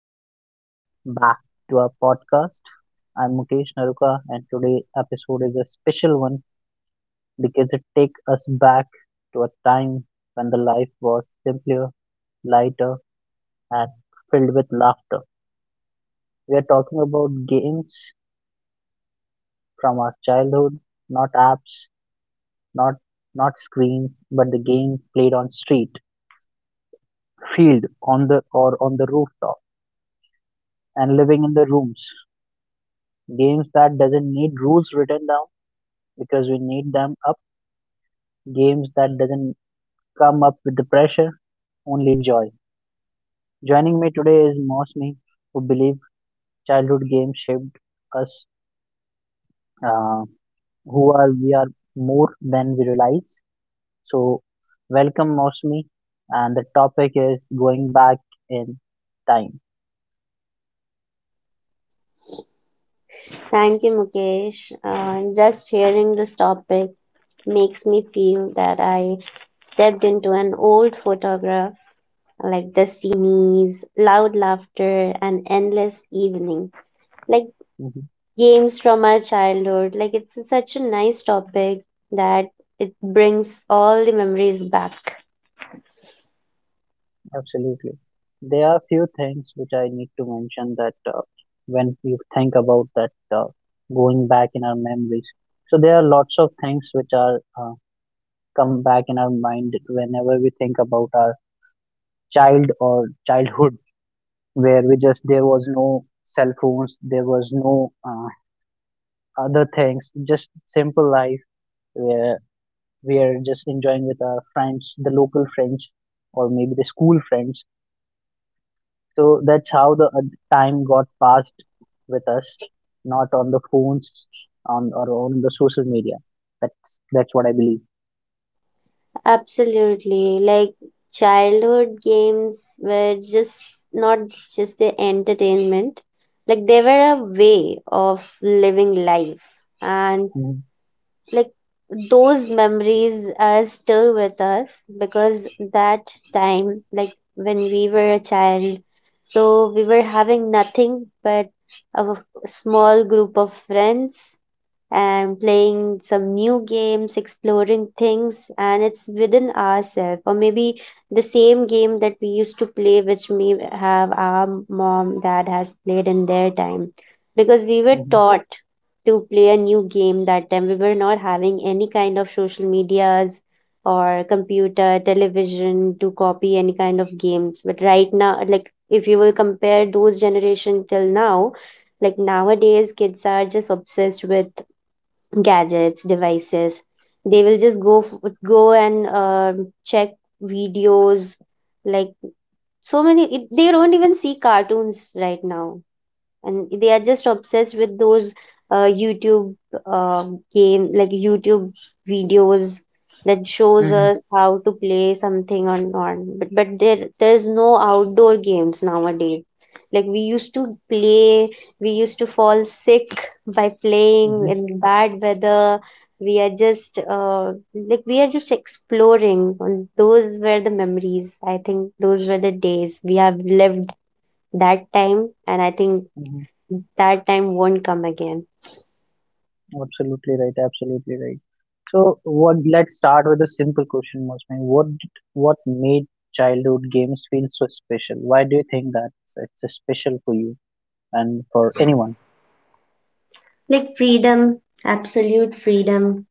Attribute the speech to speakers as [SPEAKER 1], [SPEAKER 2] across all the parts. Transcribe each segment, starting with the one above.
[SPEAKER 1] Welcome back to our podcast. I'm Mukesh Naruka and today episode is a special one because it takes us back to a time when the life was simpler, lighter and filled with laughter. We are talking about games from our childhood, not apps, not not screens, but the game played on street, field, on the rooftop and living in the rooms. Games that doesn't need rules written down because we need them up, games that doesn't come up with the pressure only joy, joining me today is mosmi who believe childhood games shaped us, uh, who are we are more than we realize, so welcome mosmi, and the topic is going back in time.
[SPEAKER 2] Thank you, Mukesh. Just hearing this topic makes me feel that I stepped into an old photograph, like dusty knees, loud laughter, and endless evening. Like games from our childhood. Like it's such a nice topic that it brings all the memories back.
[SPEAKER 1] Absolutely. There are few things which I need to mention that when we think about that going back in our memories. So there are lots of things which are come back in our mind whenever we think about our child or childhood, where we just there was no cell phones, there was no other things, just simple life where we are just enjoying with our friends, the local friends, or maybe the school friends. So that's how the time got passed with us, not on the phones, on the social media. That's what I believe.
[SPEAKER 2] Absolutely. Like childhood games were just not just the entertainment. Like they were a way of living life. And
[SPEAKER 1] Mhm,
[SPEAKER 2] like those memories are still with us because that time, like when we were a child, so we were having nothing but a small group of friends and playing some new games, exploring things, and it's within ourselves, or maybe the same game that we used to play, which may have our mom, dad has played in their time, because we were
[SPEAKER 1] mhm,
[SPEAKER 2] taught to play a new game that time. We were not having any kind of social medias or computer, television to copy any kind of games. But right now, like if you will compare those generation till now, like nowadays kids are just obsessed with gadgets devices. They will just go and check videos. Like so many they don't even see cartoons right now, and they are just obsessed with those YouTube game like YouTube videos that shows
[SPEAKER 1] mhm,
[SPEAKER 2] us how to play something or not, but there's no outdoor games nowadays. Like we used to fall sick by playing
[SPEAKER 1] mhm,
[SPEAKER 2] in bad weather. We are just like we are just exploring, and those were the memories. I think those were the days we have lived that time. And I think
[SPEAKER 1] mhm.
[SPEAKER 2] that time won't come again.
[SPEAKER 1] Absolutely right. Absolutely right. So what? Let's start with a simple question, Mosmi. What made childhood games feel so special? Why do you think that it's special for you and for anyone?
[SPEAKER 2] Like freedom, absolute freedom.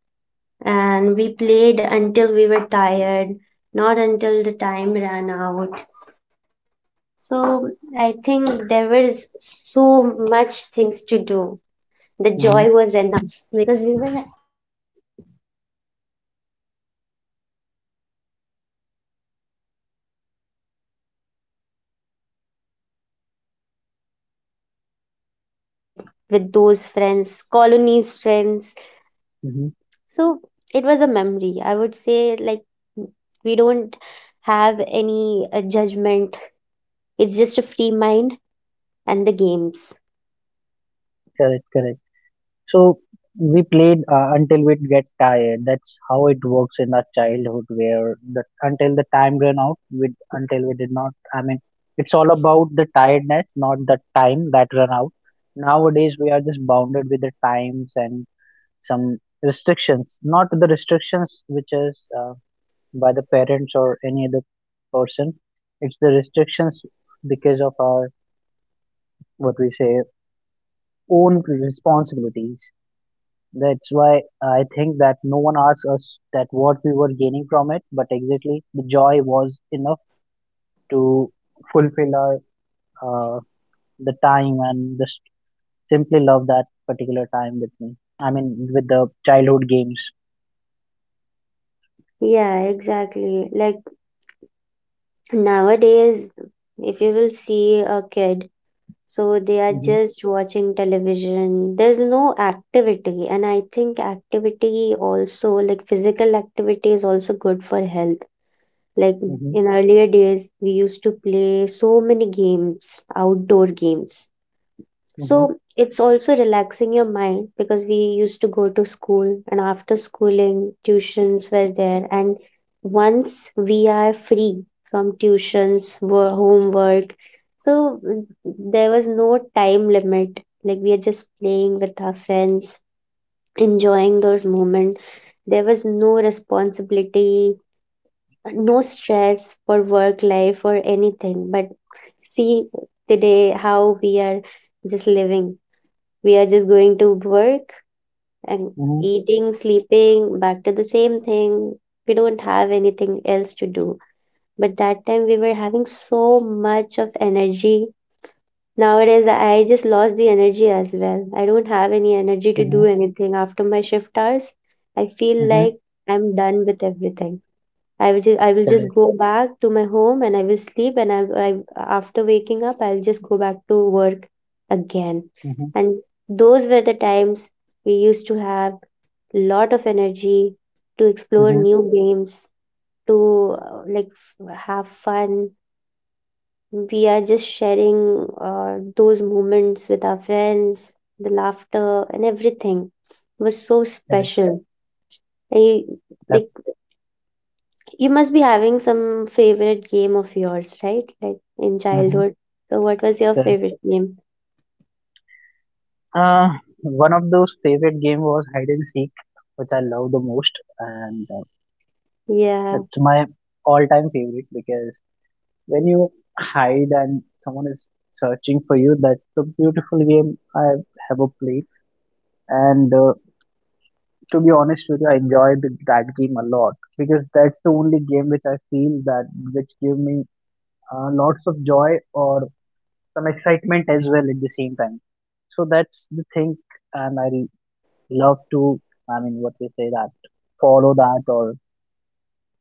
[SPEAKER 2] And we played until we were tired, not until the time ran out. So I think there was so much things to do. The joy was
[SPEAKER 1] Mm-hmm.
[SPEAKER 2] enough because we were having fun. And there was no time limit. Like after school hours, we just hang out with the people, like with those friends colonies friends.
[SPEAKER 1] Mm-hmm.
[SPEAKER 2] So it was a memory, I would say, like we don't have any judgment. It's just a free mind and the games.
[SPEAKER 1] Correct. Correct. So we played until we'd get tired. That's how it works in our childhood, where the, until the time ran out, with until we did not. I mean, it's all about the tiredness, not the time that ran out. Nowadays, we are just bounded with the times and some restrictions, not the restrictions which is by the parents or any other person. It's the restrictions because of our what we say own responsibilities. That's why I think that no one asked us that what we were gaining from it, but exactly the joy was enough to fulfill our uh, the time and just simply love that particular time with me. I mean, with the childhood games.
[SPEAKER 2] Yeah, exactly. Like nowadays, if you will see a kid, so they are
[SPEAKER 1] Mhm,
[SPEAKER 2] just watching television. There's no activity. And I think activity also, like physical activity, is also good for health. Like
[SPEAKER 1] mhm,
[SPEAKER 2] in earlier days, we used to play so many games, outdoor games.
[SPEAKER 1] mhm,
[SPEAKER 2] So it's also relaxing your mind because we used to go to school, and after schooling, tuitions were there. And once we are free from tuitions, homework, so there was no time limit. Like we are just playing with our friends, enjoying those moments. There was no responsibility, no stress for work life or anything. But see today how just living we are just going to work and
[SPEAKER 1] mhm,
[SPEAKER 2] eating, sleeping, back to the same thing. We don't have anything else to do. But that time we were having so much of energy. Nowadays, I just lost the energy as well. I don't have any energy to
[SPEAKER 1] mhm,
[SPEAKER 2] do anything after my shift hours. I feel
[SPEAKER 1] mhm.
[SPEAKER 2] like I'm done with everything. I will just
[SPEAKER 1] Correct.
[SPEAKER 2] go back to my home, and I will sleep, and I after waking up, I'll just go back to work again.
[SPEAKER 1] Mhm,
[SPEAKER 2] And those were the times we used to have lot of energy to explore
[SPEAKER 1] mhm.
[SPEAKER 2] new games, to like have fun. We are just sharing those moments with our friends, the laughter and everything was so
[SPEAKER 1] Correct.
[SPEAKER 2] special. I
[SPEAKER 1] Yep.
[SPEAKER 2] like You must be having some favorite game of yours, right? Like in
[SPEAKER 1] Mhm.
[SPEAKER 2] childhood. So what was your
[SPEAKER 1] Correct.
[SPEAKER 2] favorite game?
[SPEAKER 1] Uh, one of those favorite game was hide and seek, which I love the most, and
[SPEAKER 2] Yeah.
[SPEAKER 1] it's my all-time favorite because when you hide and someone is searching for you, that's a beautiful game I have ever played. And to be honest with you, I enjoyed that game a lot because that's the only game which I feel that, which give me lots of joy or some excitement as well at the same time. So that's the thing. And love to, I mean, what they say, that follow that or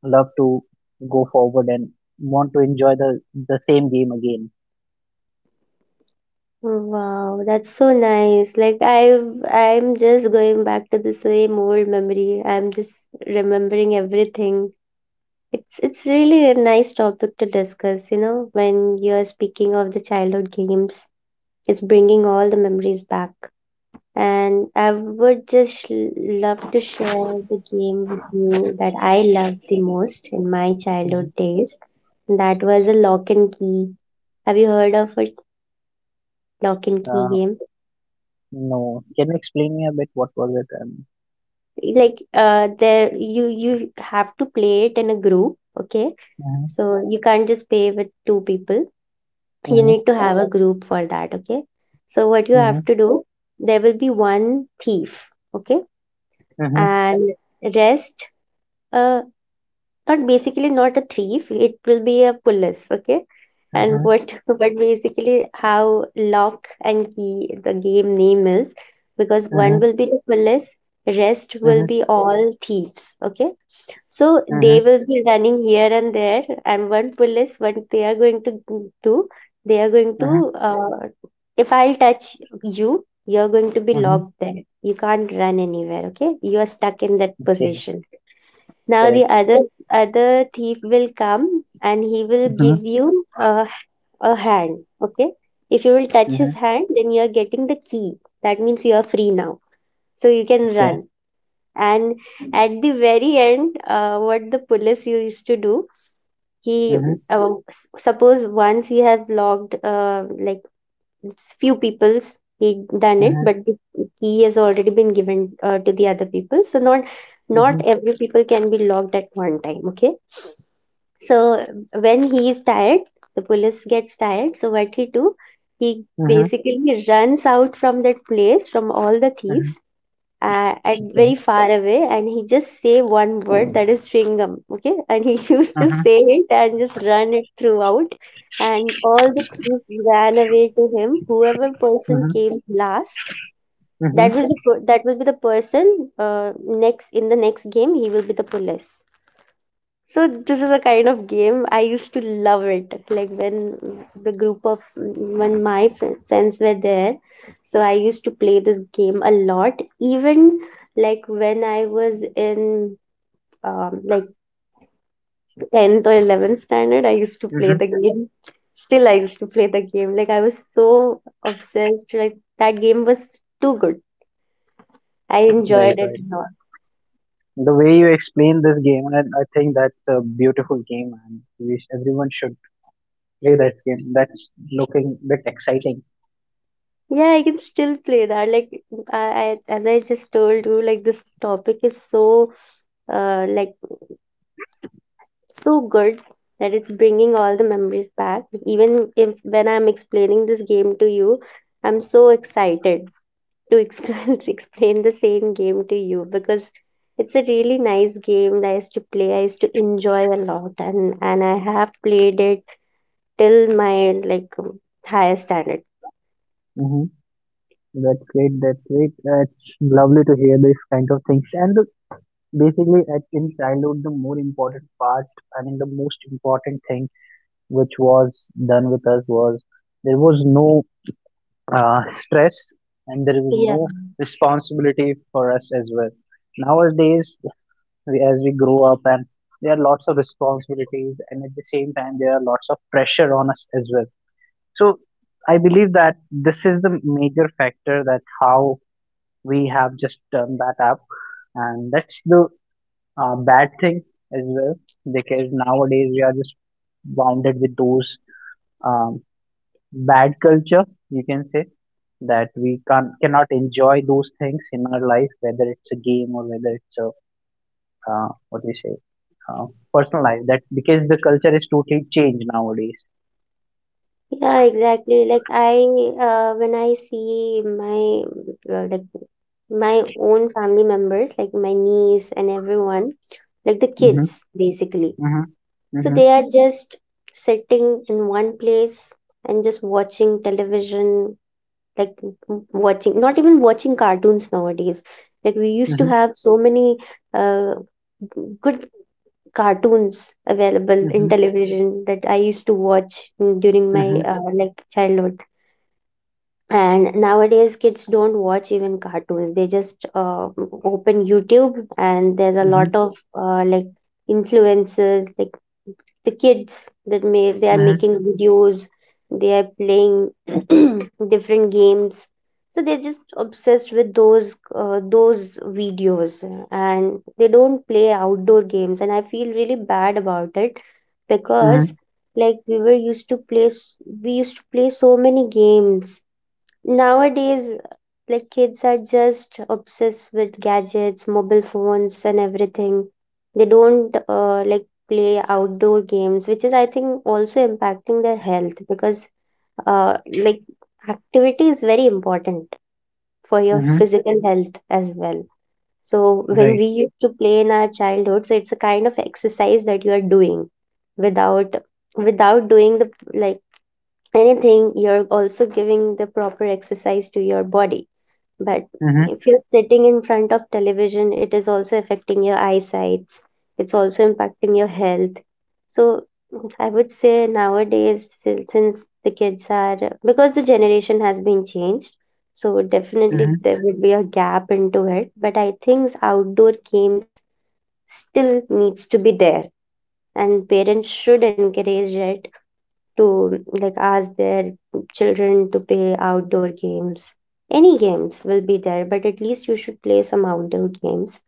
[SPEAKER 1] love to go forward and want to enjoy the same game again.
[SPEAKER 2] Wow, that's so nice. Like I'm just going back to the same old memory. I'm just remembering everything. It's really a nice topic to discuss, when you're speaking of the childhood games. It's bringing all the memories back. And I would just love to share the game with you that I loved the most in my childhood days. That was a lock and key. Have you heard of a lock and key
[SPEAKER 1] Hmm.
[SPEAKER 2] game?
[SPEAKER 1] No. Can you explain me a bit what was it? And
[SPEAKER 2] Like there you have to play it in a group, okay?
[SPEAKER 1] mhm,
[SPEAKER 2] So you can't just play with two people. You
[SPEAKER 1] mhm,
[SPEAKER 2] need to have a, okay, group for that, okay? So what you
[SPEAKER 1] mhm,
[SPEAKER 2] have to do, there will be one thief, okay?
[SPEAKER 1] mhm,
[SPEAKER 2] And rest, uh, not basically, not a thief, it will be a police, okay? And
[SPEAKER 1] mhm,
[SPEAKER 2] what But basically how lock and key the game name is, because one
[SPEAKER 1] mhm,
[SPEAKER 2] will be the police, rest will
[SPEAKER 1] mhm,
[SPEAKER 2] be all thieves, okay? So they
[SPEAKER 1] mhm,
[SPEAKER 2] will be running here and there, and one police, what they are going to do, they are going
[SPEAKER 1] mhm,
[SPEAKER 2] to if I'll touch you, you're going to be
[SPEAKER 1] mhm.
[SPEAKER 2] locked there. You can't run anywhere, okay? You are stuck in that
[SPEAKER 1] Okay,
[SPEAKER 2] position. Now
[SPEAKER 1] correct.
[SPEAKER 2] the other thief will come, and he will
[SPEAKER 1] Mhm,
[SPEAKER 2] give you a hand. Okay. If you will touch
[SPEAKER 1] mhm,
[SPEAKER 2] his hand, then you are getting the key. That means you are free now. So you can
[SPEAKER 1] okay.
[SPEAKER 2] run. And at the very end, what the police used to do, he
[SPEAKER 1] Mhm,
[SPEAKER 2] suppose once he have logged like few people's, he done it,
[SPEAKER 1] mhm,
[SPEAKER 2] but the key has already been given to the other people. So not
[SPEAKER 1] mhm,
[SPEAKER 2] not every people can be logged at one time, okay? So when he is tired, the police gets tired. So what he do? He
[SPEAKER 1] mhm,
[SPEAKER 2] basically runs out from that place from all the
[SPEAKER 1] mhm,
[SPEAKER 2] thieves at
[SPEAKER 1] okay.
[SPEAKER 2] very far away, and he just say one word, that is chewing gum. Okay, and he used to
[SPEAKER 1] Mhm,
[SPEAKER 2] say it and just run it throughout, and all the thieves ran away to him. Whoever person
[SPEAKER 1] mhm,
[SPEAKER 2] came last, That
[SPEAKER 1] mhm,
[SPEAKER 2] will be, that will be the person next in the next game. He will be the police. So this is a kind of game I used to love it. Like when the group of when my friends were there, so I used to play this game a lot. Even like when I was in like 10th or 11th standard, I used to play
[SPEAKER 1] mhm.
[SPEAKER 2] the game. Still, I used to play the game. Like I was so obsessed. Like that game was too good. I
[SPEAKER 1] Right,
[SPEAKER 2] enjoyed it
[SPEAKER 1] right.
[SPEAKER 2] a lot.
[SPEAKER 1] The way you explain this game, I think that's a beautiful game, and everyone should play that game. That's looking a bit exciting.
[SPEAKER 2] Yeah, I can still play that. Like I as I just told you, like this topic is so like so good that it's bringing all the memories back. Even if when I'm explaining this game to you, I'm so excited to explain explain the same game to you, because it's a really nice game that I used to play. I used to enjoy a lot, and I have played it till my like higher standard.
[SPEAKER 1] Mhm. That's great. That's great. That's lovely to hear these kind of things. And the Basically, at, in childhood, the more important part, I mean, the most important thing which was done with us was there was no stress, and there was
[SPEAKER 2] Yeah.
[SPEAKER 1] no responsibility for us as well. Nowadays, we, as we grow up, and there are lots of responsibilities, and at the same time, there are lots of pressure on us as well. So I believe that this is the major factor that how we have just turned that up, and that's the bad thing as well, because nowadays we are just bounded with those, um, bad culture you can say, that we can cannot enjoy those things in our life, whether it's a game or whether it's a what do we say, uh, personal life, that because the culture is totally changed nowadays.
[SPEAKER 2] Yeah, exactly. Like when I see my like my own family members, like my niece and everyone, like the
[SPEAKER 1] Mm-hmm,
[SPEAKER 2] kids basically.
[SPEAKER 1] mm-hmm,
[SPEAKER 2] So
[SPEAKER 1] mm-hmm,
[SPEAKER 2] they are just sitting in one place and just watching television, like watching, not even watching cartoons nowadays. Like we used to
[SPEAKER 1] mm-hmm,
[SPEAKER 2] have so many uh, good cartoons available in
[SPEAKER 1] mm-hmm,
[SPEAKER 2] television that I used to watch during my
[SPEAKER 1] mm-hmm,
[SPEAKER 2] like childhood. And nowadays kids don't watch even cartoons. They just open YouTube, and there's a
[SPEAKER 1] mm-hmm,
[SPEAKER 2] lot of like influences, like the kids that may they are
[SPEAKER 1] mm-hmm,
[SPEAKER 2] making videos, they are playing different games. So they're just obsessed with those those videos, and they don't play outdoor games, and I feel really bad about it because
[SPEAKER 1] mm-hmm,
[SPEAKER 2] like we used to play so many games. Nowadays, like kids are just obsessed with gadgets, mobile phones, and everything. They don't like play outdoor games, which is, I think, also impacting their health because, uh, like, activity is very important for your
[SPEAKER 1] mm-hmm,
[SPEAKER 2] physical health as well. So when
[SPEAKER 1] right,
[SPEAKER 2] we used to play in our childhood, so it's a kind of exercise that you are doing without without doing the like anything. You're also giving the proper exercise to your body. But
[SPEAKER 1] mm-hmm,
[SPEAKER 2] if you're sitting in front of television, it is also affecting your eyesights. It's also impacting your health. So I would say nowadays, since the kids are, because the generation has been changed, so definitely
[SPEAKER 1] mm-hmm,
[SPEAKER 2] there would be a gap into it. But I think outdoor games still needs to be there, and parents should encourage it to like ask their children to play outdoor games. Any games will be there, but at least you should play some outdoor games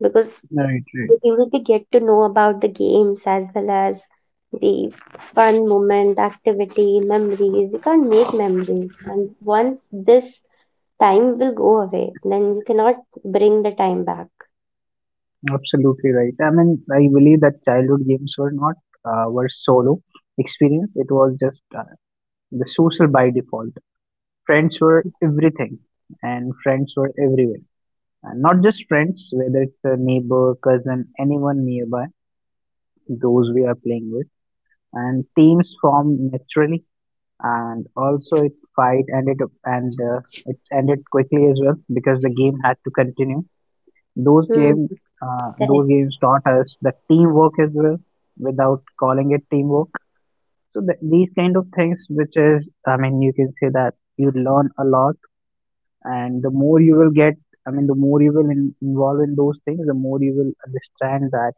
[SPEAKER 2] because
[SPEAKER 1] right, right.
[SPEAKER 2] you will be get to know about the games as well as the fun moment, activity, memories. You can't make memories, and once this time will go away, then you cannot bring the time back.
[SPEAKER 1] Absolutely right. I mean, I believe that childhood games were not were solo experience. It was just the social by default. Friends
[SPEAKER 2] Yeah.
[SPEAKER 1] were everything, and friends were everywhere. And not just friends, whether it's a neighbor, cousin, anyone nearby, those we are playing with, and teams formed naturally. And also, it fight ended up and it ended quickly as well, because the game had to continue. Those
[SPEAKER 2] Hmm.
[SPEAKER 1] game,
[SPEAKER 2] Correct.
[SPEAKER 1] those games taught us the teamwork as well, without calling it teamwork. So these kind of things, which is, I mean, you can say that you learn a lot, and the more you will get, I mean, the more you will involve in those things, the more you will understand that,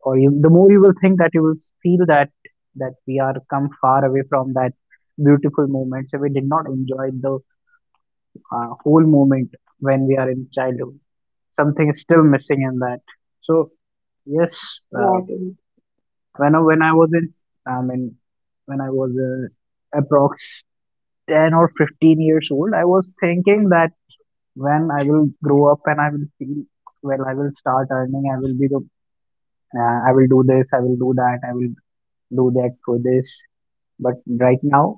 [SPEAKER 1] or you, the more you will think that you will feel that we are come far away from that beautiful moment. So we did not enjoy the whole moment when we are in childhood. Something is still missing in that. So yes,
[SPEAKER 2] Yeah,
[SPEAKER 1] uh,
[SPEAKER 2] I think
[SPEAKER 1] when I, was in, I mean, when I was approx 10 or 15 years old, I was thinking that when I will grow up and I will feel, well, I will start earning, I will be the, I will do this, I will do that, I will do that for this. But right now,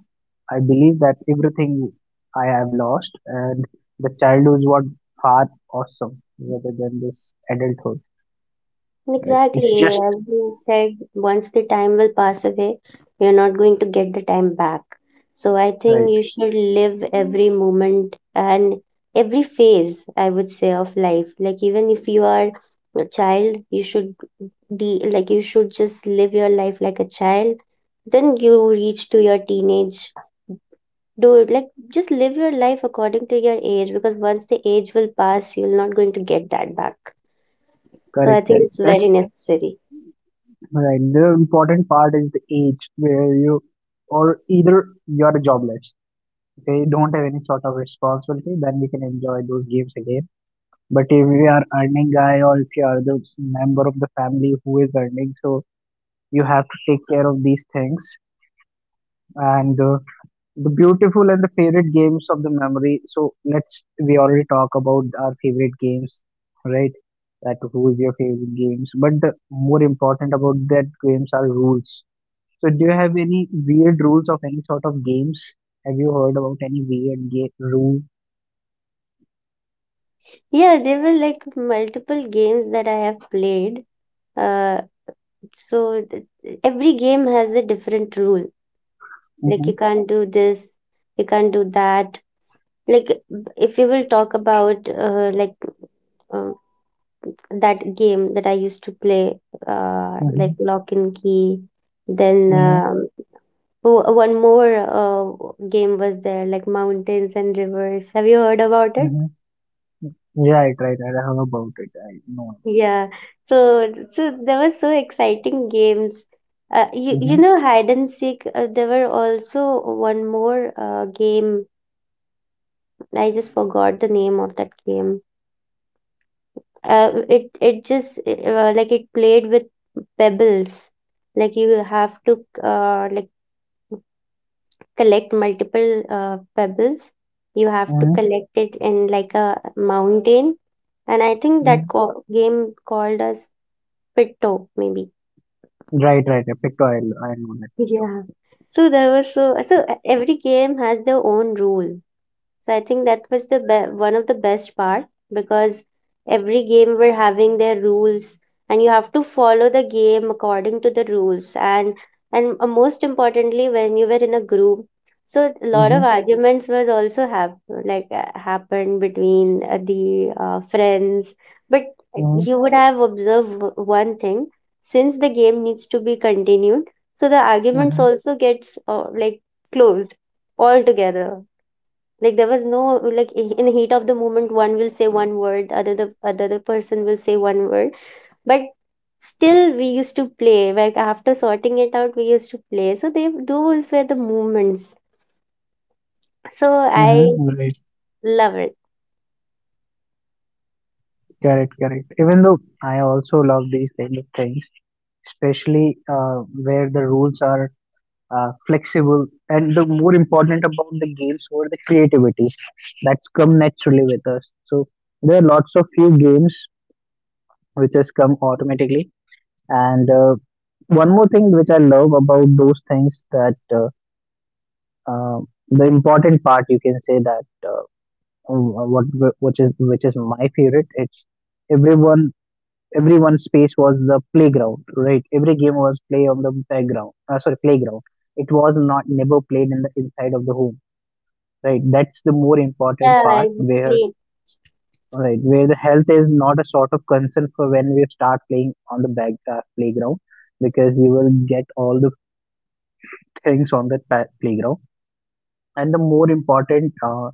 [SPEAKER 1] I believe that everything I have lost, and the childhood was far awesome rather than this adulthood. Right? It's
[SPEAKER 2] exactly.
[SPEAKER 1] just
[SPEAKER 2] As you said, once the time will pass away, you're not going to get the time back. So I think
[SPEAKER 1] right,
[SPEAKER 2] you should live every moment and every phase, I would say, of life. Like even if you are a child, you should de like you should just live your life like a child. Then you reach to your teenage. Do it like just live your life according to your age because once the age will pass, you're not going to get that back. So I
[SPEAKER 1] correct,
[SPEAKER 2] think
[SPEAKER 1] correct.
[SPEAKER 2] it's
[SPEAKER 1] That's
[SPEAKER 2] very necessary.
[SPEAKER 1] right. The important part is the age where you or either you're jobless. Okay, don't have any sort of responsibility, then we can enjoy those games again. But if you are earning guy or if you are the member of the family who is earning, so you have to take care of these things. And the beautiful and the favorite games of the memory. So let's we already talk about our favorite games, right? That who is your favorite games. But the more important about that games are rules, so do you have any weird rules of any sort of games? Have you heard about any weird game rule?
[SPEAKER 2] Yeah, there were like multiple games that I have played. Uh, every game has a different rule. Like
[SPEAKER 1] Mm-hmm,
[SPEAKER 2] you can't do this, you can't do that. Like if you will talk about uh, that game that I used to play, like
[SPEAKER 1] mm-hmm,
[SPEAKER 2] Lock and Key, then
[SPEAKER 1] mm-hmm,
[SPEAKER 2] one more game was there, like Mountains and Rivers. Have you heard about it?
[SPEAKER 1] mm-hmm. Right, right, right. I heard about it. I know.
[SPEAKER 2] Yeah. So there were so exciting games. Uh, you
[SPEAKER 1] Mm-hmm,
[SPEAKER 2] you know hide and seek. There were also one more game. I just forgot the name of that game. It just like it played with pebbles. Like you have to like collect multiple pebbles. You have to
[SPEAKER 1] mm-hmm,
[SPEAKER 2] collect it in like a mountain. And I think that
[SPEAKER 1] mm-hmm.
[SPEAKER 2] co game called us Pitto maybe.
[SPEAKER 1] Right, right, right. Picto, I know that Picto.
[SPEAKER 2] Yeah. So there was every game has their own rule, so I think that was the one of the best part because every game were having their rules and you have to follow the game according to the rules and most importantly when you were in a group so a lot of
[SPEAKER 1] Mm-hmm,
[SPEAKER 2] arguments was also happened between the friends but
[SPEAKER 1] mm-hmm,
[SPEAKER 2] you would have observed one thing since the game needs to be continued so the arguments
[SPEAKER 1] mm-hmm.
[SPEAKER 2] also gets closed altogether. Like there was no like in the heat of the moment one will say one word other the person will say one word, but still we used to play like after sorting it out we used to play. So they those were the moments, so
[SPEAKER 1] Mhm,
[SPEAKER 2] I
[SPEAKER 1] right.
[SPEAKER 2] just love it.
[SPEAKER 1] Correct, correct. Even though I also love these kind of things, especially where the rules are flexible, and the more important about the games were the creativity that's come naturally with us. So there are lots of few games which has come automatically, and one more thing which I love about those things that, uh, the important part you can say that, what which is my favorite. It's everyone everyone's space was the playground, right? Every game was play on the background, sorry, playground. It was not never played in the inside of the home, right? That's the more important
[SPEAKER 2] Yeah,
[SPEAKER 1] part where,
[SPEAKER 2] exactly.
[SPEAKER 1] right, where the health is not a sort of concern for when we start playing on the back playground, because you will get all the things on the playground. And the more important,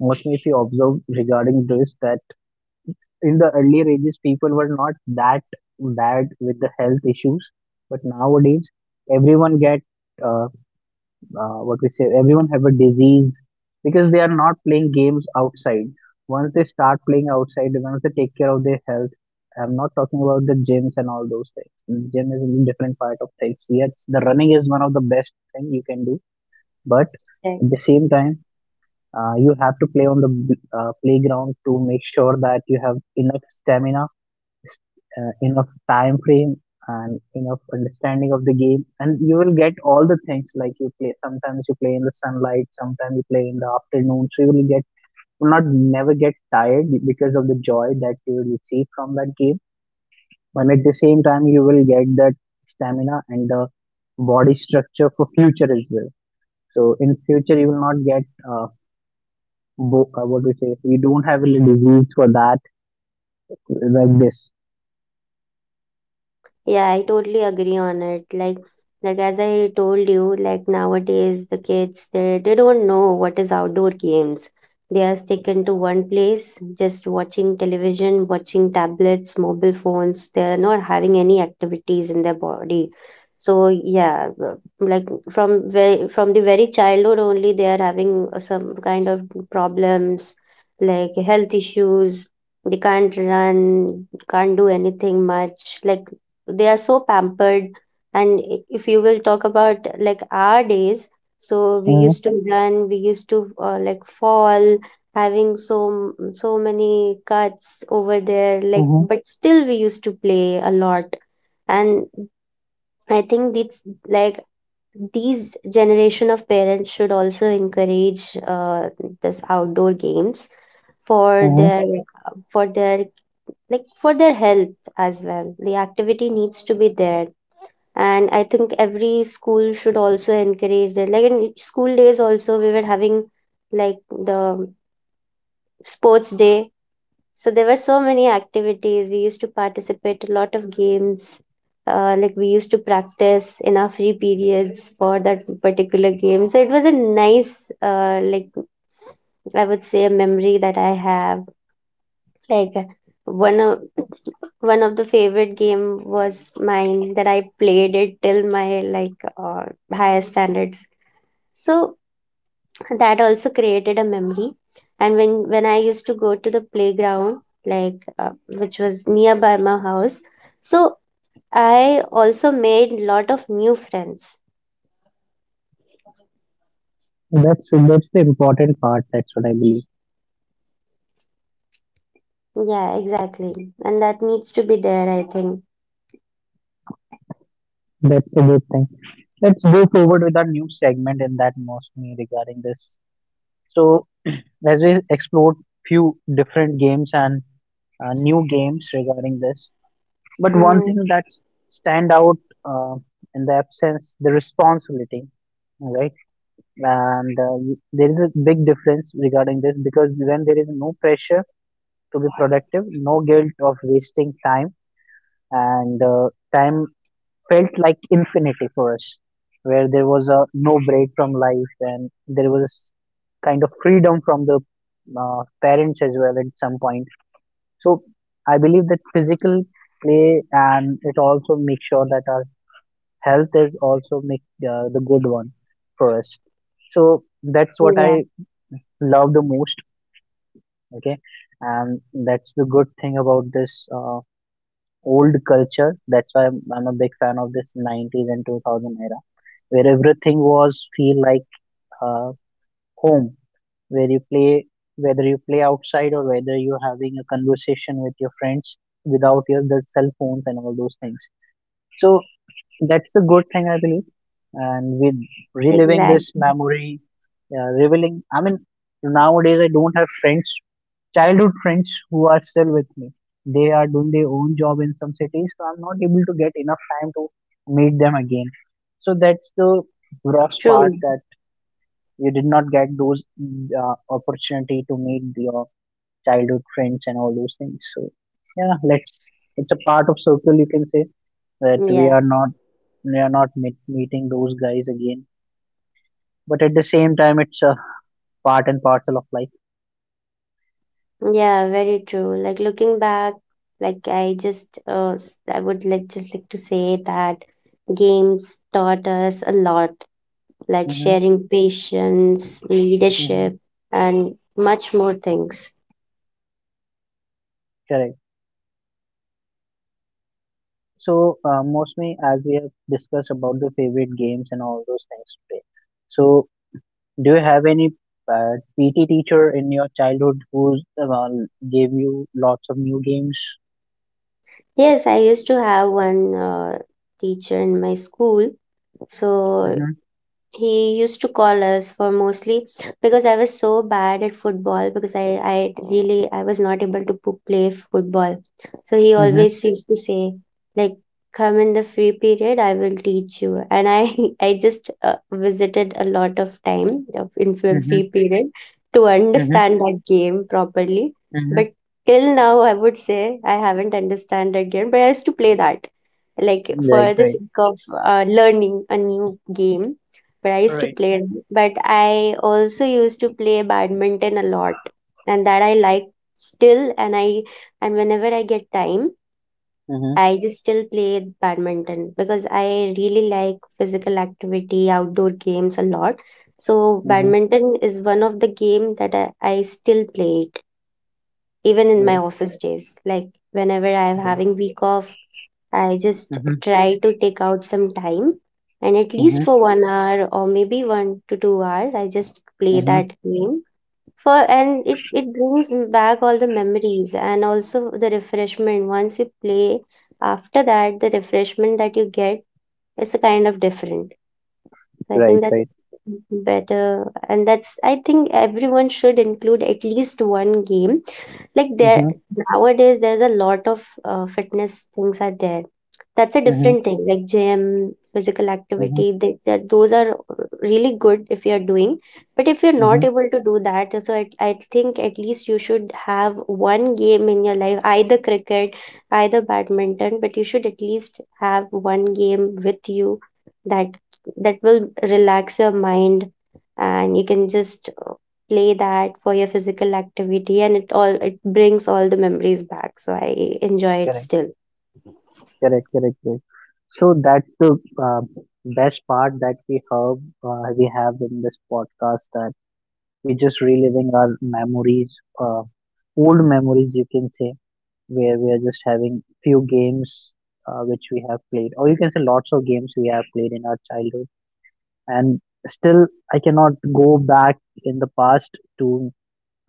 [SPEAKER 1] most if you observe regarding this, that in the earlier ages people were not that bad with the health issues, but nowadays everyone get uh, what we say everyone have a disease, because they are not playing games outside. Once they start playing outside, once they take care of their health, I'm not talking about the gyms and all those things. Gym is a different part of things. Yes, the running is one of the best thing you can do. But at the same time, you have to play on the playground to make sure that you have enough stamina, enough time frame, and enough understanding of the game, and you will get all the things. Like, you play sometimes, you play in the sunlight, sometimes you play in the afternoon, so you will get will not never get tired because of the joy that you will receive from that game. And at the same time you will get that stamina and the body structure for future as well. So in future you will not get uh, what we say, you don't have any disease for that, like this.
[SPEAKER 2] Yeah, I totally agree on it. Like as I told you, like nowadays the kids they don't know what is outdoor games. They are sticking to one place, just watching television, watching tablets, mobile phones. They're not having any activities in their body. So yeah, w- like from very from the very childhood only they are having some kind of problems, like health issues. They can't run, can't do anything much. Like they are so pampered and if you will talk about like our days, so we
[SPEAKER 1] Hmm.
[SPEAKER 2] used to run, we used to like fall, having so many cuts over there like, but still we used to play a lot. And I think this like these generation of parents should also encourage this outdoor games for
[SPEAKER 1] Hmm.
[SPEAKER 2] their for their like for their health as well. The activity needs to be there. And I think every school should also encourage that. Like in school days also we were having like the sports day, so there were so many activities. We used to participate a lot of games, like we used to practice in our free periods for that particular game. So it was a nice I would say a memory that I have. Like one of one of the favorite game was mine, that I played it till my like higher standards. So that also created a memory. And when I used to go to the playground, like which was nearby my house, so I also made lot of new friends.
[SPEAKER 1] That's the important part. That's what I believe.
[SPEAKER 2] Yeah, exactly, and that needs to be there, I think.
[SPEAKER 1] That's a good thing. Let's go forward with our new segment in that mostly regarding this. So as we explored few different games and new games regarding this, but one
[SPEAKER 2] Mm,
[SPEAKER 1] thing that stand out uh, in the absence the responsibility, right? And there is a big difference regarding this because when there is no pressure to be productive, no guilt of wasting time and time felt like infinity for us, where there was a no break from life and there was kind of freedom from the parents as well at some point. So I believe that physical play and it also makes sure that our health is also make the good one for us. So that's what
[SPEAKER 2] yeah,
[SPEAKER 1] I love the most. Okay, and that's the good thing about this old culture. That's why I'm a big fan of this 90s and 2000 era where everything was feel like uh, home where you play whether you play outside or whether you're having a conversation with your friends without your the cell phones and all those things, so that's the good thing I believe. And with reliving
[SPEAKER 2] exact,
[SPEAKER 1] this memory, revealing I mean, nowadays I don't have friends, childhood friends who are still with me. They are doing their own job in some cities, so I'm not able to get enough time to meet them again. So that's the gross part,
[SPEAKER 2] true,
[SPEAKER 1] that you did not get those opportunity to meet your childhood friends and all those things. So yeah, let's, it's a part of circle you can say, that we
[SPEAKER 2] yeah.
[SPEAKER 1] are not, we are not meeting those guys again. But at the same time, it's a part and parcel of life.
[SPEAKER 2] Yeah, very true. Like looking back, like I just I would like just like to say that games taught us a lot, like
[SPEAKER 1] Mm-hmm,
[SPEAKER 2] sharing patience,
[SPEAKER 1] mm-hmm,
[SPEAKER 2] leadership, and much more things.
[SPEAKER 1] correct. So mostly as we have discussed about the favorite games and all those things today, so do you have any PT teacher in your childhood who uh, gave you lots of new games?
[SPEAKER 2] Yes, I used to have one teacher in my school. So
[SPEAKER 1] Mhm,
[SPEAKER 2] he used to call us for mostly because I was so bad at football, because I really I was not able to play football. So he
[SPEAKER 1] mhm,
[SPEAKER 2] always used to say like come in the free period, I will teach you. And I I just visited a lot of time of in
[SPEAKER 1] mhm,
[SPEAKER 2] free period to
[SPEAKER 1] mhm,
[SPEAKER 2] understand that game properly.
[SPEAKER 1] mhm.
[SPEAKER 2] But till now I would say I haven't understand that game, but I used to play that like
[SPEAKER 1] Right,
[SPEAKER 2] for the
[SPEAKER 1] right.
[SPEAKER 2] sake of learning a new game, but I used to
[SPEAKER 1] Right.
[SPEAKER 2] play. But I also used to play badminton a lot, and that I like still. And I and whenever I get time,
[SPEAKER 1] Mhm,
[SPEAKER 2] I just still play badminton because I really like physical activity, outdoor games a lot. So
[SPEAKER 1] mhm,
[SPEAKER 2] badminton is one of the game that I still play it even in my
[SPEAKER 1] right,
[SPEAKER 2] office days. Like whenever I'm
[SPEAKER 1] right.
[SPEAKER 2] having week off, I just
[SPEAKER 1] Mhm,
[SPEAKER 2] try to take out some time, and at least
[SPEAKER 1] mhm,
[SPEAKER 2] for 1 hour or maybe 1 to 2 hours, I just play
[SPEAKER 1] mhm.
[SPEAKER 2] that game. For and It brings back all the memories and also the refreshment. Once you play, after that, the refreshment that you get is a kind of different. So I think
[SPEAKER 1] Right,
[SPEAKER 2] that's
[SPEAKER 1] right.
[SPEAKER 2] better. And that's, I think, everyone should include at least one game. Like there
[SPEAKER 1] Mhm,
[SPEAKER 2] nowadays, there's a lot of fitness things are there. That's a
[SPEAKER 1] mhm,
[SPEAKER 2] different thing, like gym, physical
[SPEAKER 1] mhm,
[SPEAKER 2] activity. Those are really good if you're doing. But if you're not
[SPEAKER 1] mhm.
[SPEAKER 2] able to do that, so I think at least you should have one game in your life, either cricket, either badminton, but you should at least have one game with you that will relax your mind and you can just play that for your physical activity. And it all it brings all the memories back, so I enjoy it
[SPEAKER 1] Correct,
[SPEAKER 2] still.
[SPEAKER 1] correct, correct, correct. So that's the uh, best part that we have, we have in this podcast, that we're just reliving our memories, old memories you can say, where we are just having few games which we have played, or you can say lots of games we have played in our childhood. And still, I cannot go back in the past to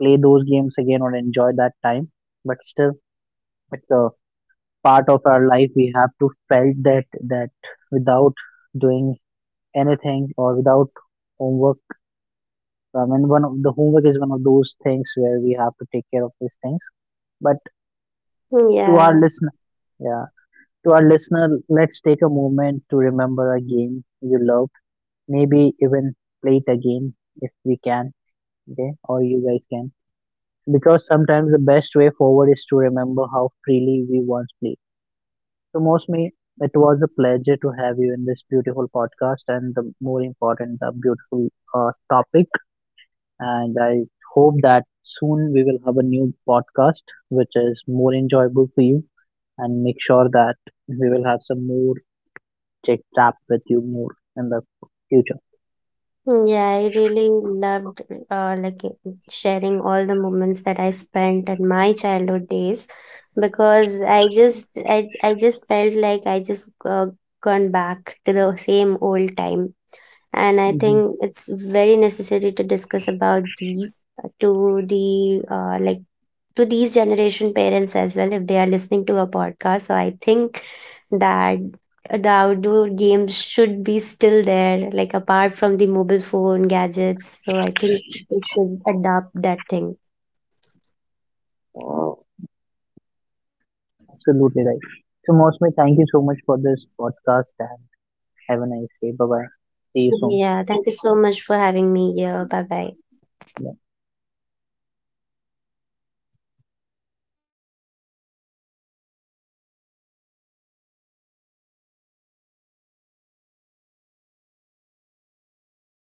[SPEAKER 1] play those games again or enjoy that time. But still, it's a part of our life. We have to felt that, that without doing anything or without homework. I mean, one of the homework is one of those things where we have to take care of these things. But to our
[SPEAKER 2] Yeah.
[SPEAKER 1] listener, yeah, to our listener, let's take a moment to remember a game you loved. Maybe even play it again if we can. Okay, or you guys can. Because sometimes the best way forward is to remember how freely we once played. So, Mosmi, it was a pleasure to have you in this beautiful podcast and the more important, the beautiful topic. And I hope that soon we will have a new podcast which is more enjoyable for you, and make sure that we will have some more chit chat with you more in the future.
[SPEAKER 2] Yeah, I really loved sharing all the moments that I spent in my childhood days, because I just I just felt like I just gone back to the same old time. And I
[SPEAKER 1] Hmm.
[SPEAKER 2] think it's very necessary to discuss about these to these generation parents as well. If they are listening to a podcast, so I think that the outdoor games should be still there, like apart from the mobile phone gadgets. So I think we should adopt that thing.
[SPEAKER 1] Absolutely right. So, Mosmi, thank you so much for this podcast, and have a nice day. Bye bye. See you
[SPEAKER 2] Yeah,
[SPEAKER 1] soon.
[SPEAKER 2] thank you so much for having me here. Bye bye.